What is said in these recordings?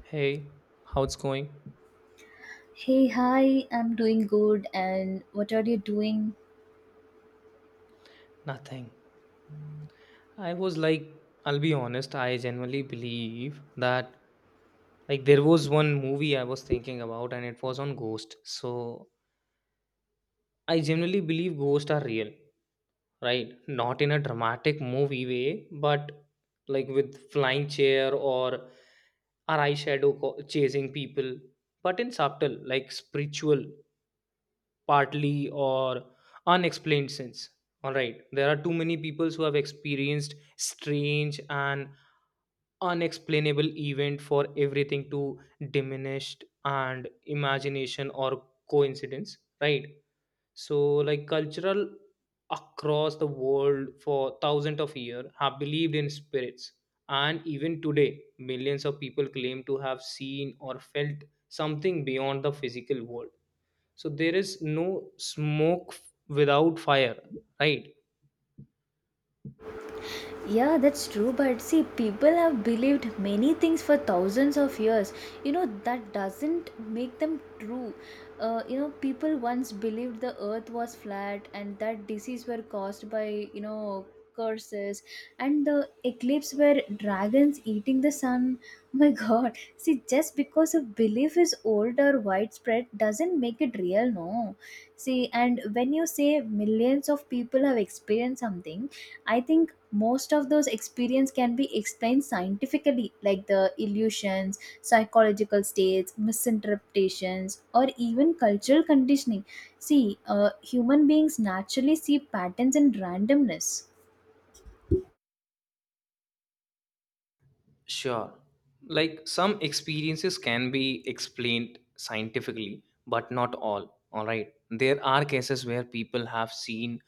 Hey, how's going? Hey, hi, I'm doing good. And what are you doing? Nothing. I was like, I'll be honest, I genuinely believe that like there was one movie I was thinking about and it was on ghost. So I genuinely believe ghosts are real, right? Not in a dramatic movie way, but like with flying chair or our chasing people, but in subtle, like spiritual partly or unexplained sense. All right, there are too many people who have experienced strange and unexplainable event for everything to diminished and imagination or coincidence, right? So like cultural across the world for thousands of years have believed in spirits, and even today millions of people claim to have seen or felt something beyond the physical world. So there is no smoke without fire, right? Yeah, that's true. But see, people have believed many things for thousands of years. You know, that doesn't make them true. People once believed the earth was flat and that disease were caused by, curses and the eclipse were dragons eating the sun. Oh my god. See, just because a belief is old or widespread doesn't make it real, no. See, and when you say millions of people have experienced something, I think most of those experience can be explained scientifically, like the illusions, psychological states, misinterpretations, or even cultural conditioning. See, human beings naturally see patterns in randomness. Sure. Like some experiences can be explained scientifically, but not all. All right. There are cases where people have seen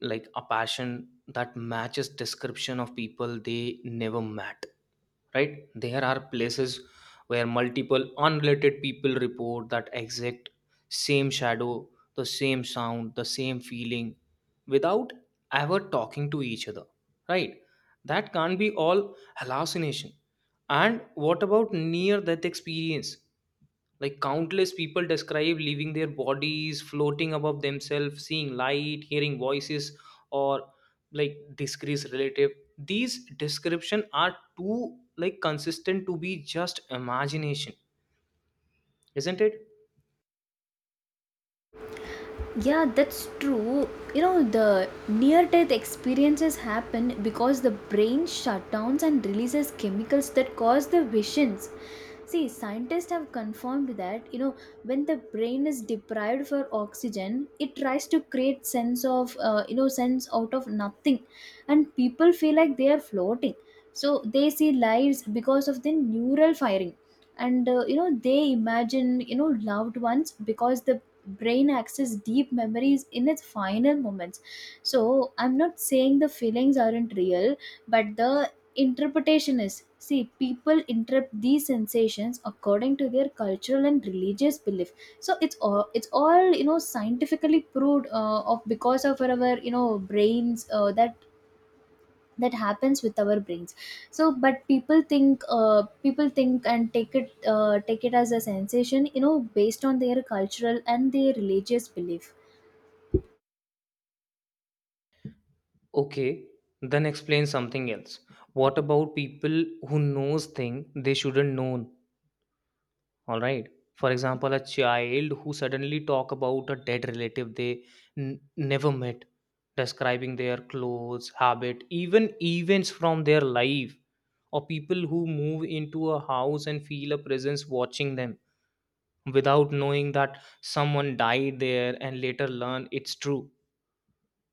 like a passion that matches description of people they never met. Right, there are places where multiple unrelated people report that exact same shadow, the same sound, the same feeling without ever talking to each other, right? That can't be all hallucination. And what about near death experience? Like countless people describe leaving their bodies, floating above themselves, seeing light, hearing voices, or like disgrace relative. These description are too like consistent to be just imagination, isn't it? Yeah, that's true. You know, the near death experiences happen because the brain shut downs and releases chemicals that cause the visions. See, scientists have confirmed that, you know, when the brain is deprived for oxygen, it tries to create sense of, sense out of nothing. And people feel like they are floating. So they see lives because of the neural firing. And, they imagine, loved ones because the brain access deep memories in its final moments. So I'm not saying the feelings aren't real, but the interpretation is. See, people interpret these sensations according to their cultural and religious belief. So it's all you know scientifically proved, of because of our, you know, brains, that happens with our brains. So but people think and take it, take it, as a sensation, you know, based on their cultural and their religious belief. Okay, then explain something else. What about people who knows thing they shouldn't know? All right, for example a child who suddenly talk about a dead relative they never met, describing their clothes habit, even events from their life, or people who move into a house and feel a presence watching them without knowing that someone died there and later learn it's true.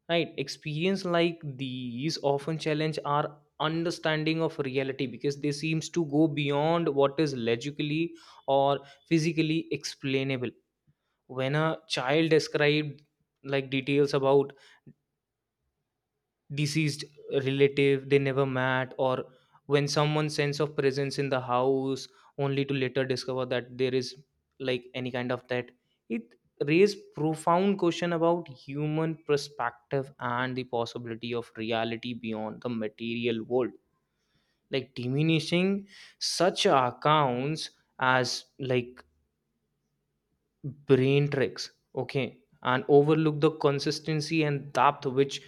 Right, experience like these often challenge our understanding of reality because they seems to go beyond what is logically or physically explainable. When a child described like details about deceased relative they never met, or when someone's sense of presence in the house only to later discover that there is like any kind of that, it raised profound question about human perspective and the possibility of reality beyond the material world. Like diminishing such accounts as like brain tricks, okay, and overlook the consistency and depth which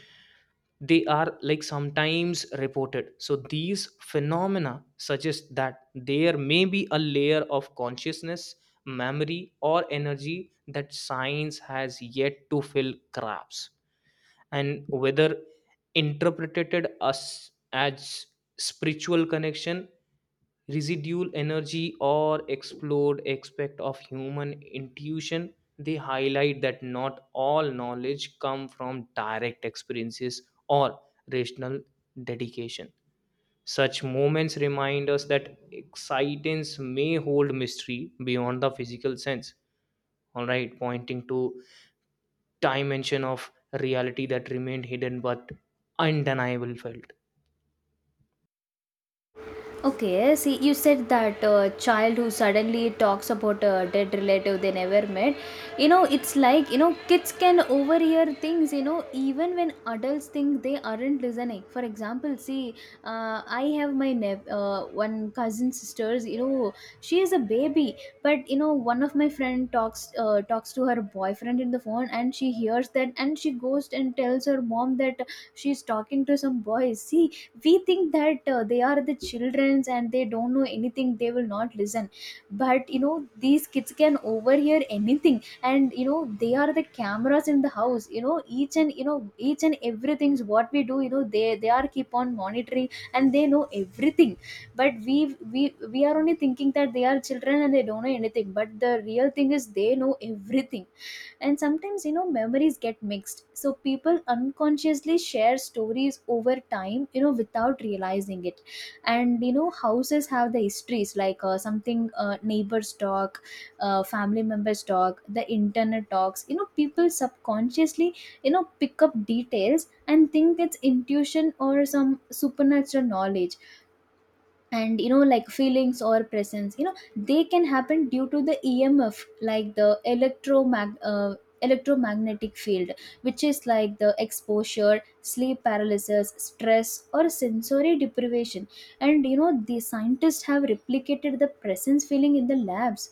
they are like sometimes reported. So these phenomena suggest that there may be a layer of consciousness, memory, or energy that science has yet to fill cracks. And whether interpreted as spiritual connection, residual energy, or explored aspect of human intuition, they highlight that not all knowledge come from direct experiences or rational dedication. Such moments remind us that excitance may hold mystery beyond the physical sense, all right, pointing to dimension of reality that remained hidden but undeniable felt. Okay, see, you said that child who suddenly talks about a dead relative they never met. You know, it's like, you know, kids can overhear things, you know, even when adults think they aren't listening. For example, see, I have my nep- one cousin sisters, you know, she is a baby, but, you know, one of my friend talks to her boyfriend in the phone, and she hears that and she goes and tells her mom that she's talking to some boys. See, we think that they are the childrens and they don't know anything, they will not listen. But you know, these kids can overhear anything. And you know, they are the cameras in the house, you know, each and, you know, each and everything's what we do, you know, they are keep on monitoring, and they know everything. But we we are only thinking that they are children and they don't know anything, but the real thing is they know everything. And sometimes, you know, memories get mixed, so people unconsciously share stories over time, you know, without realizing it. And you know, houses have the histories, like something neighbors talk, family members talk, the internet talks. You know, people subconsciously, you know, pick up details and think it's intuition or some supernatural knowledge. And you know, like feelings or presence, you know, they can happen due to the EMF, like the electromagnetic field, which is like the exposure, sleep paralysis, stress, or sensory deprivation. And you know, the scientists have replicated the presence feeling in the labs.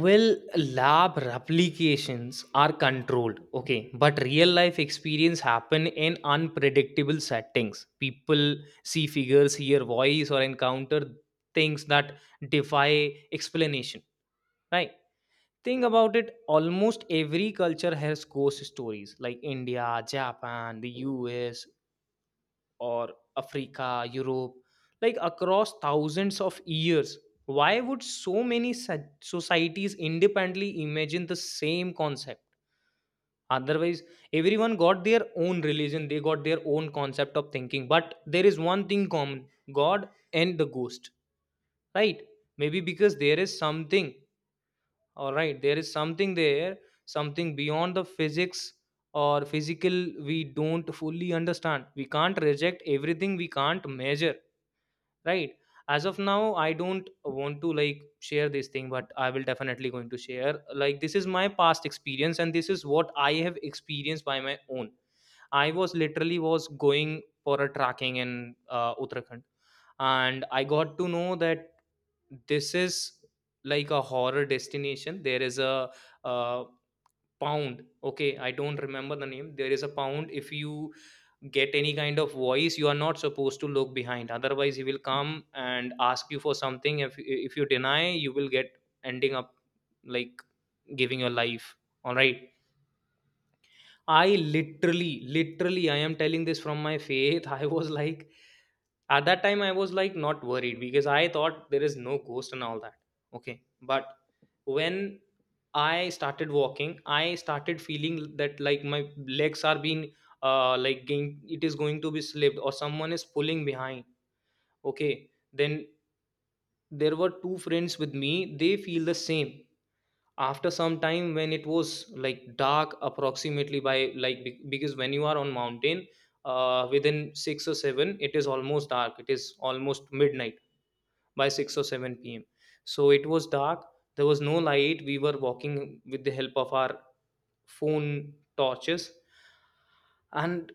Well, lab replications are controlled, okay, but real life experience happen in unpredictable settings. People see figures, hear voice, or encounter things that defy explanation, right? Think about it. Almost every culture has ghost stories, like India, Japan, the U.S., or Africa, Europe, like across thousands of years. Why would societies independently imagine the same concept? Otherwise, everyone got their own religion, they got their own concept of thinking. But there is one thing common, God and the ghost, right? Maybe because there is something, all right, there is something there, something beyond the physics or physical we don't fully understand. We can't reject everything we can't measure, right? As of now I don't want to like share this thing, but I will definitely going to share, like this is my past experience and this is what I have experienced by my own. I was literally was going for a tracking in Uttarakhand, and I got to know that this is like a horror destination. There is a uh, pound, okay, I don't remember the name. There is a pound, if you get any kind of voice you are not supposed to look behind, otherwise he will come and ask you for something. If you deny, you will get ending up like giving your life, all right. I literally, literally, I am telling this from my faith. I was like, at that time, I was like not worried because I thought there is no ghost and all that. Okay. But when I started walking, I started feeling that like my legs are being, like getting, it is going to be slipped or someone is pulling behind. Okay. Then there were two friends with me. They feel the same after some time when it was like dark, approximately by like because when you are on mountain within 6 or 7 it is almost dark, it is almost midnight by 6 or 7 p.m. So it was dark, there was no light, we were walking with the help of our phone torches. And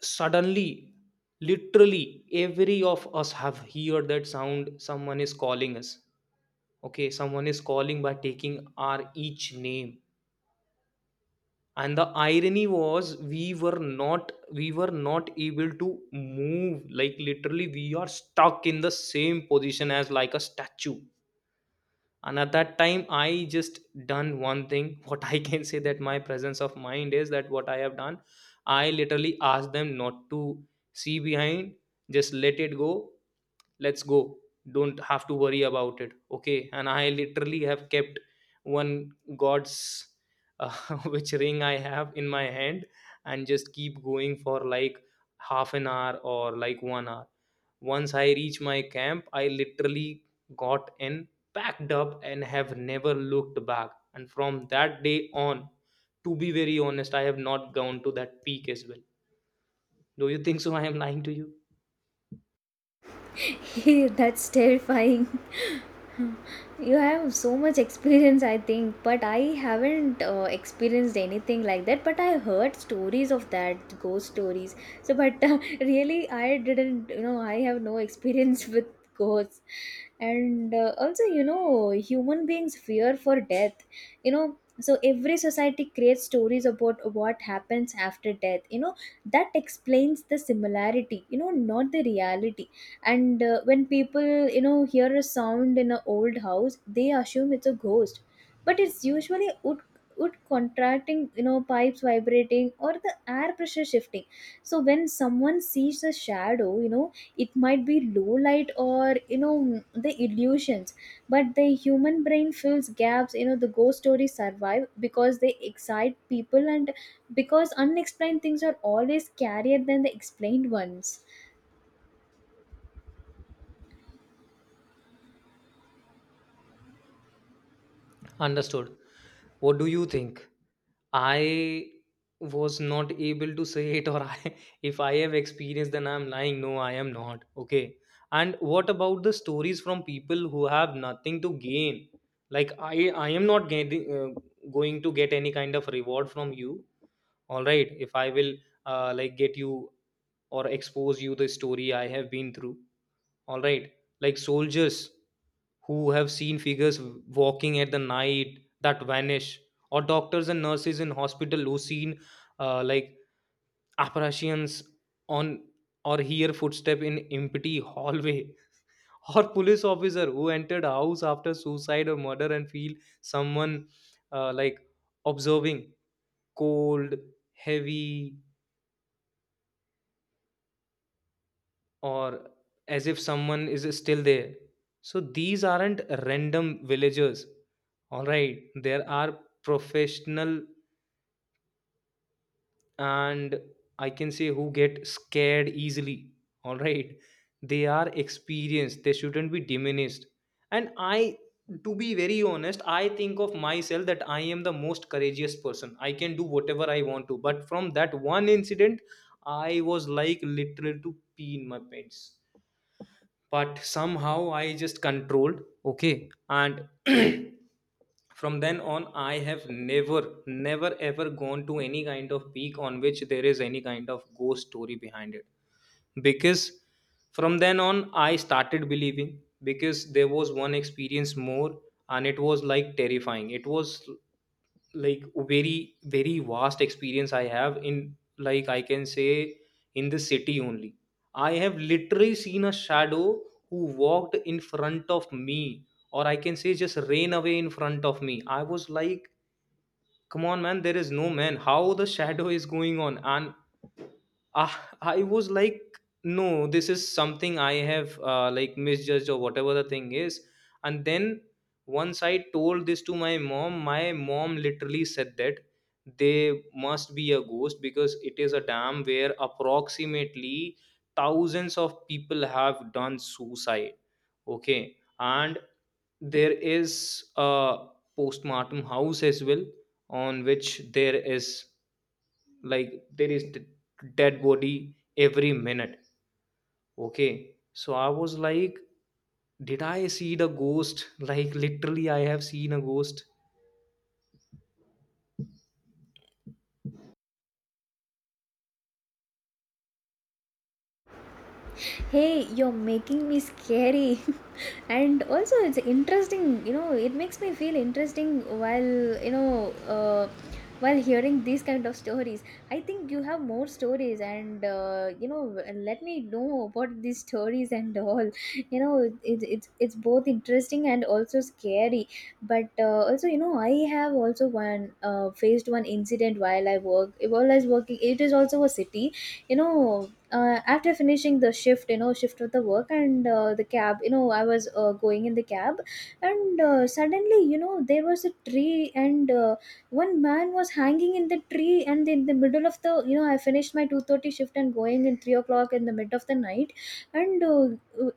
suddenly, literally every of us have heard that sound, someone is calling us. Okay, someone is calling by taking our each name. And the irony was, we were not able to move, like literally we are stuck in the same position as like a statue. And at that time I just done one thing. What I can say that my presence of mind is that what I have done, I literally asked them not to see behind, just let it go, let's go, don't have to worry about it. Okay, and I literally have kept one god's uh, which ring I have in my hand, and just keep going for like half an hour or like 1 hour. Once I reach my camp, I literally got in, packed up, and have never looked back. And from that day on, to be very honest, I have not gone to that peak as well. Do you think so I am lying to you? That's terrifying. You have so much experience, I think, but I haven't experienced anything like that. But I heard stories of that, ghost stories. So, but really, I didn't, you know, I have no experience with ghosts. And also, you know, human beings fear for death. You know, so every society creates stories about what happens after death. You know, that explains the similarity, you know, not the reality. And when people, you know, hear a sound in an old house, they assume it's a ghost, but it's usually wood contracting, you know, pipes vibrating, or the air pressure shifting. So when someone sees a shadow, you know, it might be low light or, you know, the illusions. But the human brain fills gaps. You know, the ghost stories survive because they excite people and because unexplained things are always scarier than the explained ones. Understood. What do you think, I was not able to say it, or I, if I have experience, then I'm lying. No, I am not. Okay. And what about the stories from people who have nothing to gain? Like I am not getting going to get any kind of reward from you. All right, if I will like get you or expose you the story I have been through, all right, like soldiers who have seen figures walking at the night that vanish, or doctors and nurses in hospital who seen like apparitions on, or hear footstep in empty hallway, or police officer who entered house after suicide or murder and feel someone like observing, cold, heavy, or as if someone is still there. So these aren't random villagers. All right, there are professional, and I can say who get scared easily. All right, they are experienced, they shouldn't be diminished. And I, to be very honest, I think of myself that I am the most courageous person. I can do whatever I want to. But from that one incident, I was like literal to pee in my pants, but somehow I just controlled. Okay, and from then on I have never, never ever gone to any kind of peak on which there is any kind of ghost story behind it, because from then on I started believing, because there was one experience more, and it was like terrifying. It was like very, very vast experience I have in, like I can say, in the city only. I have literally seen a shadow who walked in front of me, or I can say just rain away in front of me. I was like, come on, man, there is no man. How the shadow is going on? And ah, I was like, no, this is something I have like misjudged or whatever the thing is. And then once I told this to my mom literally said that they must be a ghost because it is a dam where approximately thousands of people have done suicide. Okay. And there is a postmortem house as well, on which there is, like, there is dead body every minute. Okay, so I was like, did I see the ghost? like, literally, I have seen a ghost. Hey, you're making me scary. And also, it's interesting, you know, it makes me feel interesting while, you know, uh, while hearing these kind of stories. I think you have more stories, and, you know, let me know about these stories and all. You know, it, it's both interesting and also scary. But also, you know, I have also one faced one incident while while I was working. It is also a city, you know. After finishing the shift, you know, shift of the work, and the cab, you know, I was going in the cab. And suddenly, you know, there was a tree, and one man was hanging in the tree. And in the middle of the, you know, I finished my 2:30 shift and going in 3 o'clock in the mid of the night. And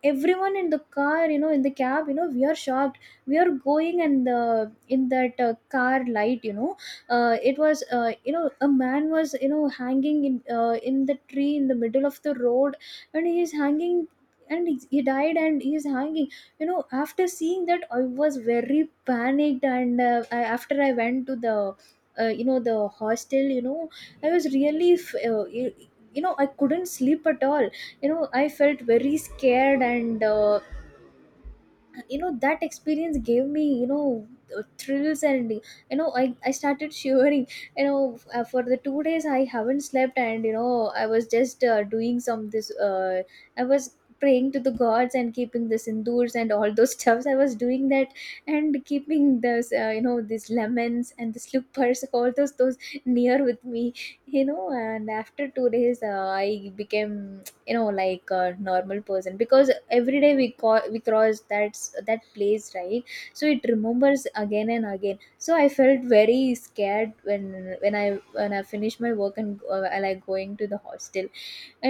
everyone in the car, you know, in the cab, you know, we are shocked. We are going, and the in that car light, you know, it was you know, a man was, you know, hanging in the tree in the middle of the road, and he's hanging. And he died, and he's hanging. You know, after seeing that, I was very panicked. And after I went to the you know, the hostel, you know, I was you know, I couldn't sleep at all. You know, I felt very scared. And you know, that experience gave me, you know, thrills. And I started shivering. You know, for the 2 days I haven't slept. And you know, I was just doing some this. I was praying to the gods and keeping the sindoors and all those stuffs, I was doing that. And keeping those, you know, these lemons and the slippers, all those near with me, you know. And after 2 days, I became, you know, like a normal person, because every day we call we cross that that place, right? So it remembers again and again, so I felt very scared when when I finished my work. And I going to the hostel.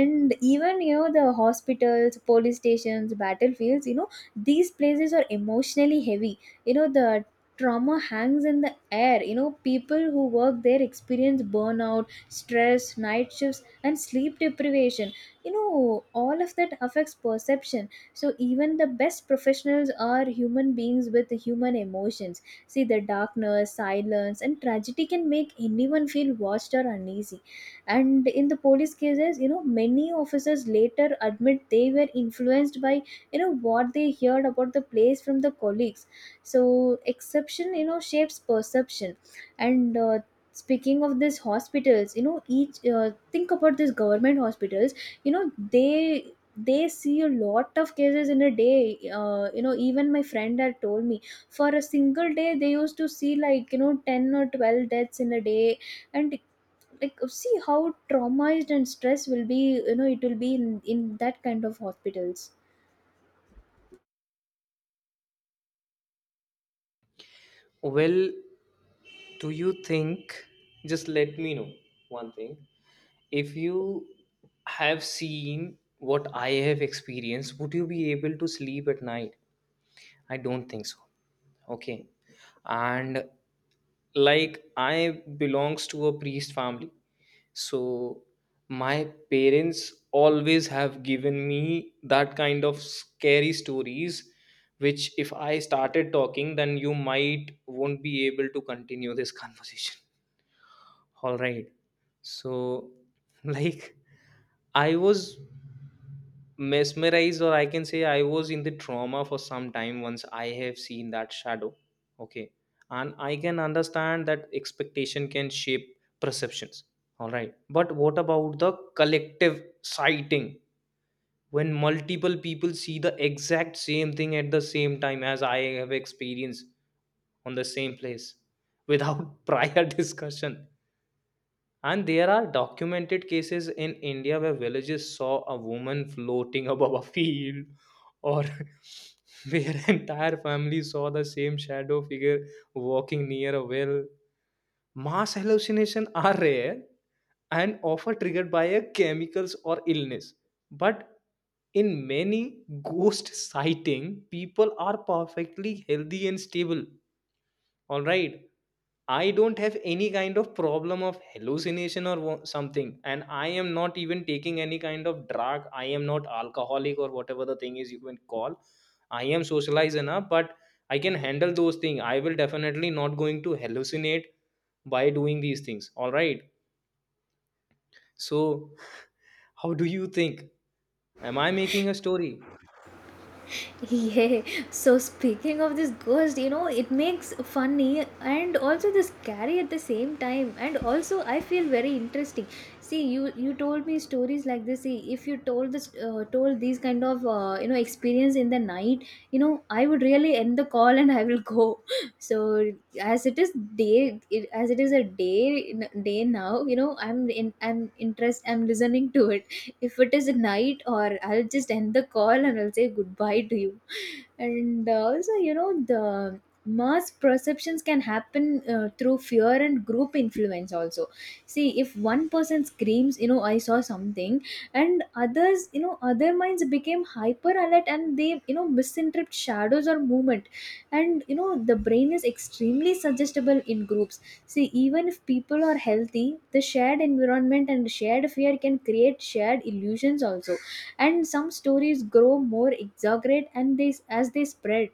And even, you know, the hospitals, police stations, battlefields, you know, these places are emotionally heavy. You know, the trauma hangs in the air. You know, people who work there experience burnout, stress, night shifts, and sleep deprivation. You know, all of that affects perception. So even the best professionals are human beings with human emotions. See, the darkness, silence, and tragedy can make anyone feel watched or uneasy. And in the police cases, you know, many officers later admit they were influenced by, you know, what they heard about the place from the colleagues. So exception, you know, shapes perception. And speaking of these hospitals, you know, each think about these government hospitals. You know, they see a lot of cases in a day. You know, even my friend had told me, for a single day, they used to see, like, you know, 10 or 12 deaths in a day. And like, see how traumatized and stress will be, you know, it will be in that kind of hospitals. Well, do you think, just let me know one thing, if you have seen what I have experienced, would you be able to sleep at night? I don't think so. Okay. And like, I belongs to a priest family, so my parents always have given me that kind of scary stories, which if I started talking, then you might won't be able to continue this conversation. All right. So, like, I was mesmerized, or I can say I was in the trauma for some time, once I have seen that shadow. Okay. And I can understand that expectation can shape perceptions. All right, but what about the collective sighting, when multiple people see the exact same thing at the same time, as I have experienced, on the same place, without prior discussion? And there are documented cases in India where villages saw a woman floating above a field, or where entire family saw the same shadow figure walking near a well. Mass hallucinations are rare and often triggered by a chemicals or illness. But in many ghost sighting, people are perfectly healthy and stable. All right, I don't have any kind of problem of hallucination or something, and I am not even taking any kind of drug. I am not alcoholic or whatever the thing is you can call. I am socialized enough, but I can handle those things. I will definitely not going to hallucinate by doing these things. All right. So, how do you think? Am I making a story? Yeah, so speaking of this ghost, you know, it makes funny and also the scary at the same time, and also I feel very interesting. See, you told me stories like this. See, if you told this, told these kind of, you know, experience in the night, you know, I would really end the call and I will go. So, as it is day, as it is a day now, you know, I'm in, I'm listening to it. If it is night or I'll just end the call and I'll say goodbye to you. And also, you know, the mass perceptions can happen through fear and group influence also. See, if one person screams, you know, I saw something, and others, you know, other minds became hyper alert, and they, you know, misinterpret shadows or movement. And you know, the brain is extremely suggestible in groups. See, even if people are healthy, the shared environment and shared fear can create shared illusions also. And some stories grow more exaggerate, and they as they spread.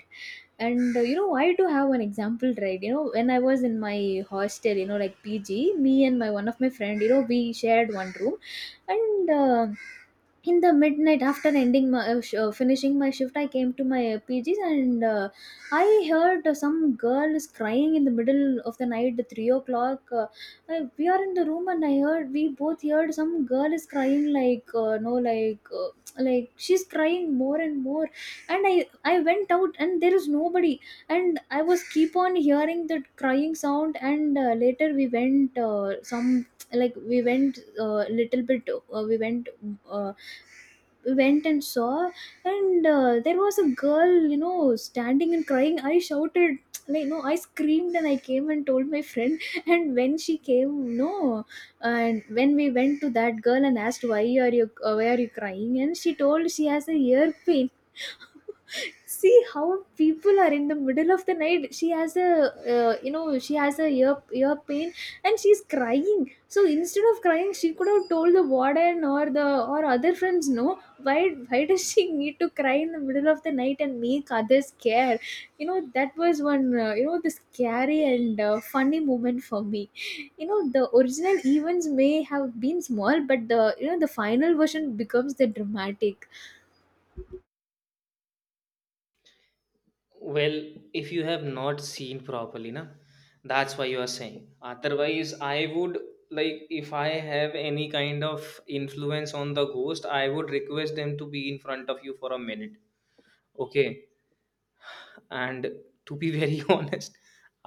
And you know, I do have an example, right? You know, when I was in my hostel, you know, like PG, me and my one of my friend, you know, we shared one room. And in the midnight, after ending my finishing my shift, I came to my PGs. And I heard some girl is crying in the middle of the night, 3 o'clock. We are in the room and I heard we both heard some girl is crying, like no like like she's crying more and more. And I went out and there is nobody, and I was keep on hearing that crying sound. And later we went some like we went little bit, we went, uh, went and saw. And there was a girl, you know, standing and crying. I shouted like no, I screamed and I came and told my friend and when she came, no, and when we went to that girl and asked, why are you crying? And she told she has a ear pain. See how people are. In the middle of the night she has a, you know, she has a ear pain and she's crying. So instead of crying she could have told the warden or the, or other friends, no? Why, why does she need to cry in the middle of the night and make others care? You know, that was one you know, the scary and funny moment for me. You know, the original events may have been small, but the, you know, the final version becomes the dramatic. Well, if you have not seen properly na, that's why you are saying. Otherwise, I would, like, if I have any kind of influence on the ghost, I would request them to be in front of you for a minute. Okay. And to be very honest,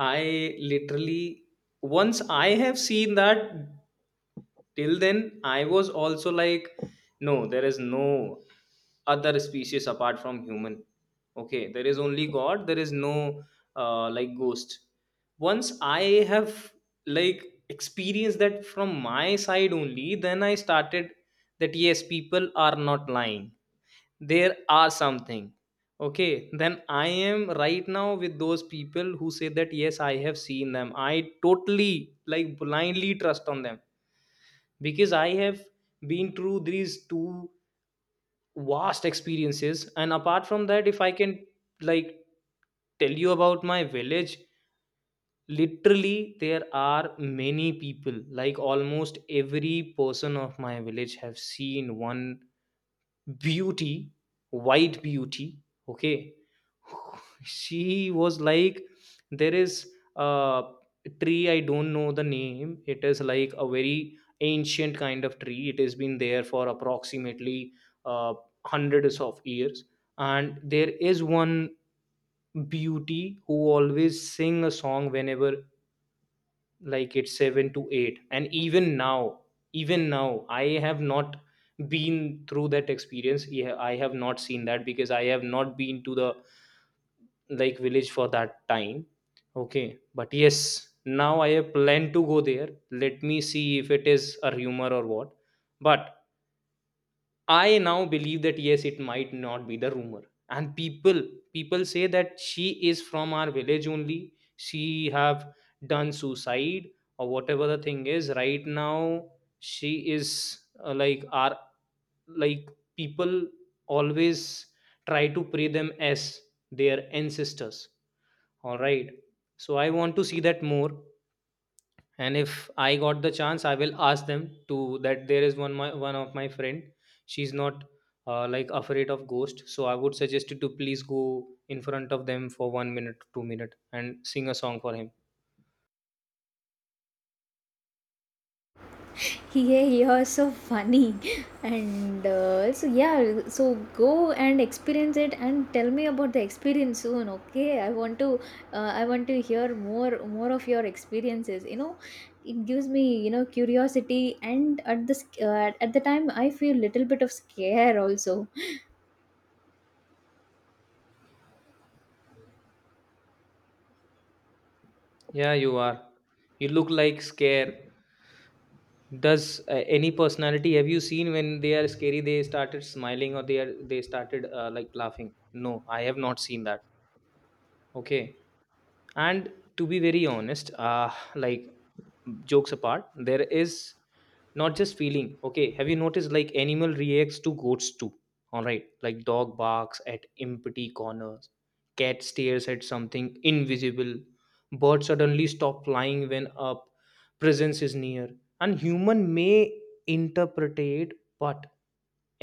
I literally, once I have seen that, till then I was also like, no, there is no other species apart from human. Okay, there is only god, there is no like, ghost. Once I have like experienced that from my side, only then I started, that yes, people are not lying, there are something. Okay, then I am right now with those people who say that yes, I have seen them. I totally, like, blindly trust on them, because I have been through these two vast experiences. And apart from that, if I can, like, tell you about my village, literally there are many people, like almost every person of my village have seen one beauty, white beauty. Okay, she was like, there is a tree, I don't know the name. It is like a very ancient kind of tree. It has been there for approximately uh, hundreds of years. And there is one beauty who always sing a song whenever like it's 7 to 8. And even now, even now I have not been through that experience. Yeah, I have not seen that because I have not been to the, like, village for that time. Okay, but yes, now I have planned to go there, let me see if it is a rumor or what. But I now believe that yes, it might not be the rumor. And people say that she is from our village only. She have done suicide or whatever the thing is. Right now, she is like our, like, people always try to pray them as their ancestors. All right. So I want to see that more, and if I got the chance, I will ask them to, that there is one of my friend, she's not like afraid of ghost, so I would suggest you to please go in front of them for 1 minute, 2 minute, and sing a song for him. Yeah, you're so funny. And so yeah. So go and experience it and tell me about the experience soon, okay? I want to, I want to hear more of your experiences, you know. It gives me, you know, curiosity, and at this, at the time I feel little bit of scare also. Yeah, you look like scare. Does any personality have you seen, when they are scary they started smiling, or they started like laughing? No, I have not seen that. Okay. And to be very honest, like, jokes apart, there is not just feeling. Okay, have you noticed, like animal reacts to goats too? All right, like dog barks at empty corners, cat stares at something invisible, birds suddenly stop flying when a presence is near. And human may interpret, but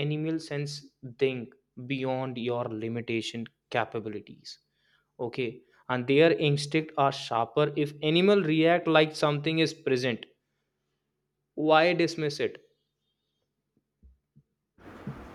animal sense think beyond your limitation, capabilities. Okay, and their instinct are sharper, if animal react like something is present. Why dismiss it?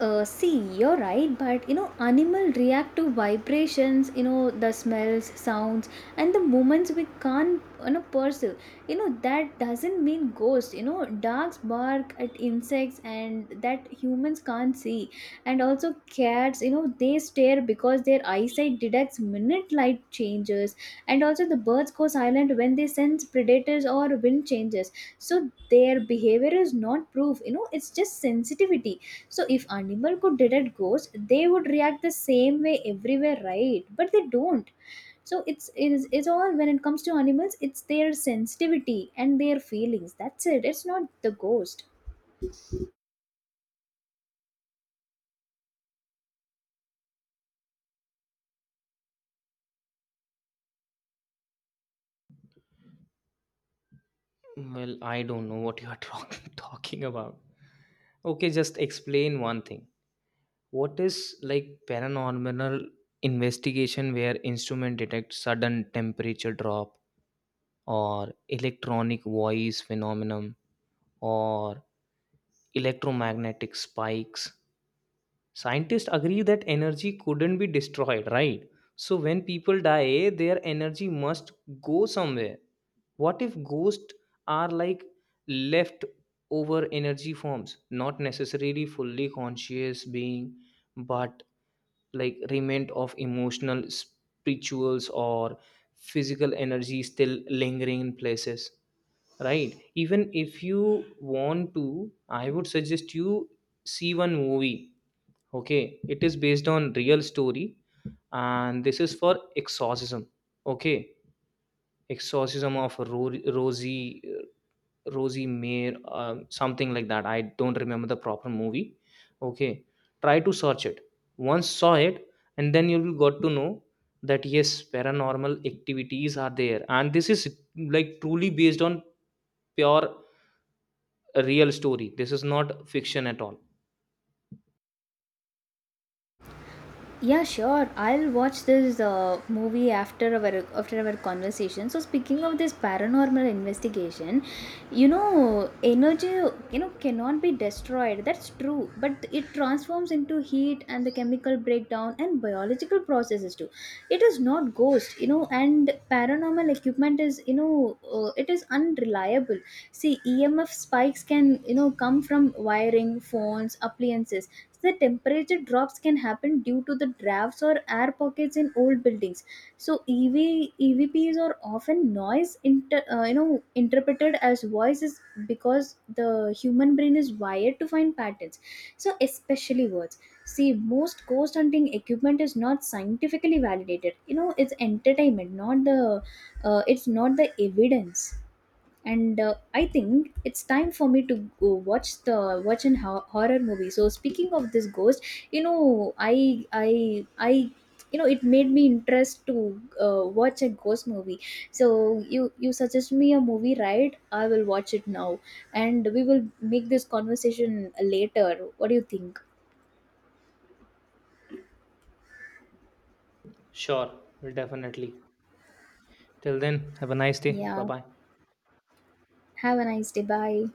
See, you're right, but you know, animal react to vibrations, you know, the smells, sounds, and the movements we can't, you know, perceive. You know, that doesn't mean ghosts. You know, dogs bark at insects, and that humans can't see. And also, cats, you know, they stare because their eyesight detects minute light changes. And also, the birds go silent when they sense predators or wind changes. So, their behavior is not proof. You know, it's just sensitivity. So if animal could detect ghosts, they would react the same way everywhere, right? But they don't. So it's all, when it comes to animals, it's their sensitivity and their feelings. That's it. It's not the ghost. Well, I don't know what you are talking talking about. Okay, just explain one thing. What is, like, paranormal investigation where instrument detect sudden temperature drop, or electronic voice phenomenon, or electromagnetic spikes? Scientists agree that energy couldn't be destroyed, right? So when people die, their energy must go somewhere. What if ghosts are like left over energy forms, not necessarily fully conscious being, but like remnant of emotional, spirituals or physical energy still lingering in places, right? Even if you want to, I would suggest you see one movie. Okay, it is based on real story, and this is for exorcism. Okay, exorcism of Rosie Mayer, something like that, I don't remember the proper movie. Okay, try to search it, once saw it, and then you will got to know that yes, paranormal activities are there, and this is like truly based on pure real story. This is not fiction at all. Yeah, sure. I'll watch this movie after our conversation. So speaking of this paranormal investigation, you know, energy, you know, cannot be destroyed. That's true, but it transforms into heat and the chemical breakdown and biological processes too. It is not ghost, you know, and paranormal equipment is, you know, it is unreliable. See, EMF spikes can, you know, come from wiring, phones, appliances. The temperature drops can happen due to the drafts or air pockets in old buildings. So ev evps are often noise you know, interpreted as voices, because the human brain is wired to find patterns, so especially words. See, most ghost hunting equipment is not scientifically validated. You know, it's entertainment, not the, it's not the evidence. And I think it's time for me to go watch the watch an horror movie. So speaking of this ghost, you know, I you know, it made me interest to watch a ghost movie. So you suggest me a movie, right? I will watch it now, and we will make this conversation later. What do you think? Sure, will definitely. Till then, have a nice day. Bye Yeah, bye. have a nice day. Bye.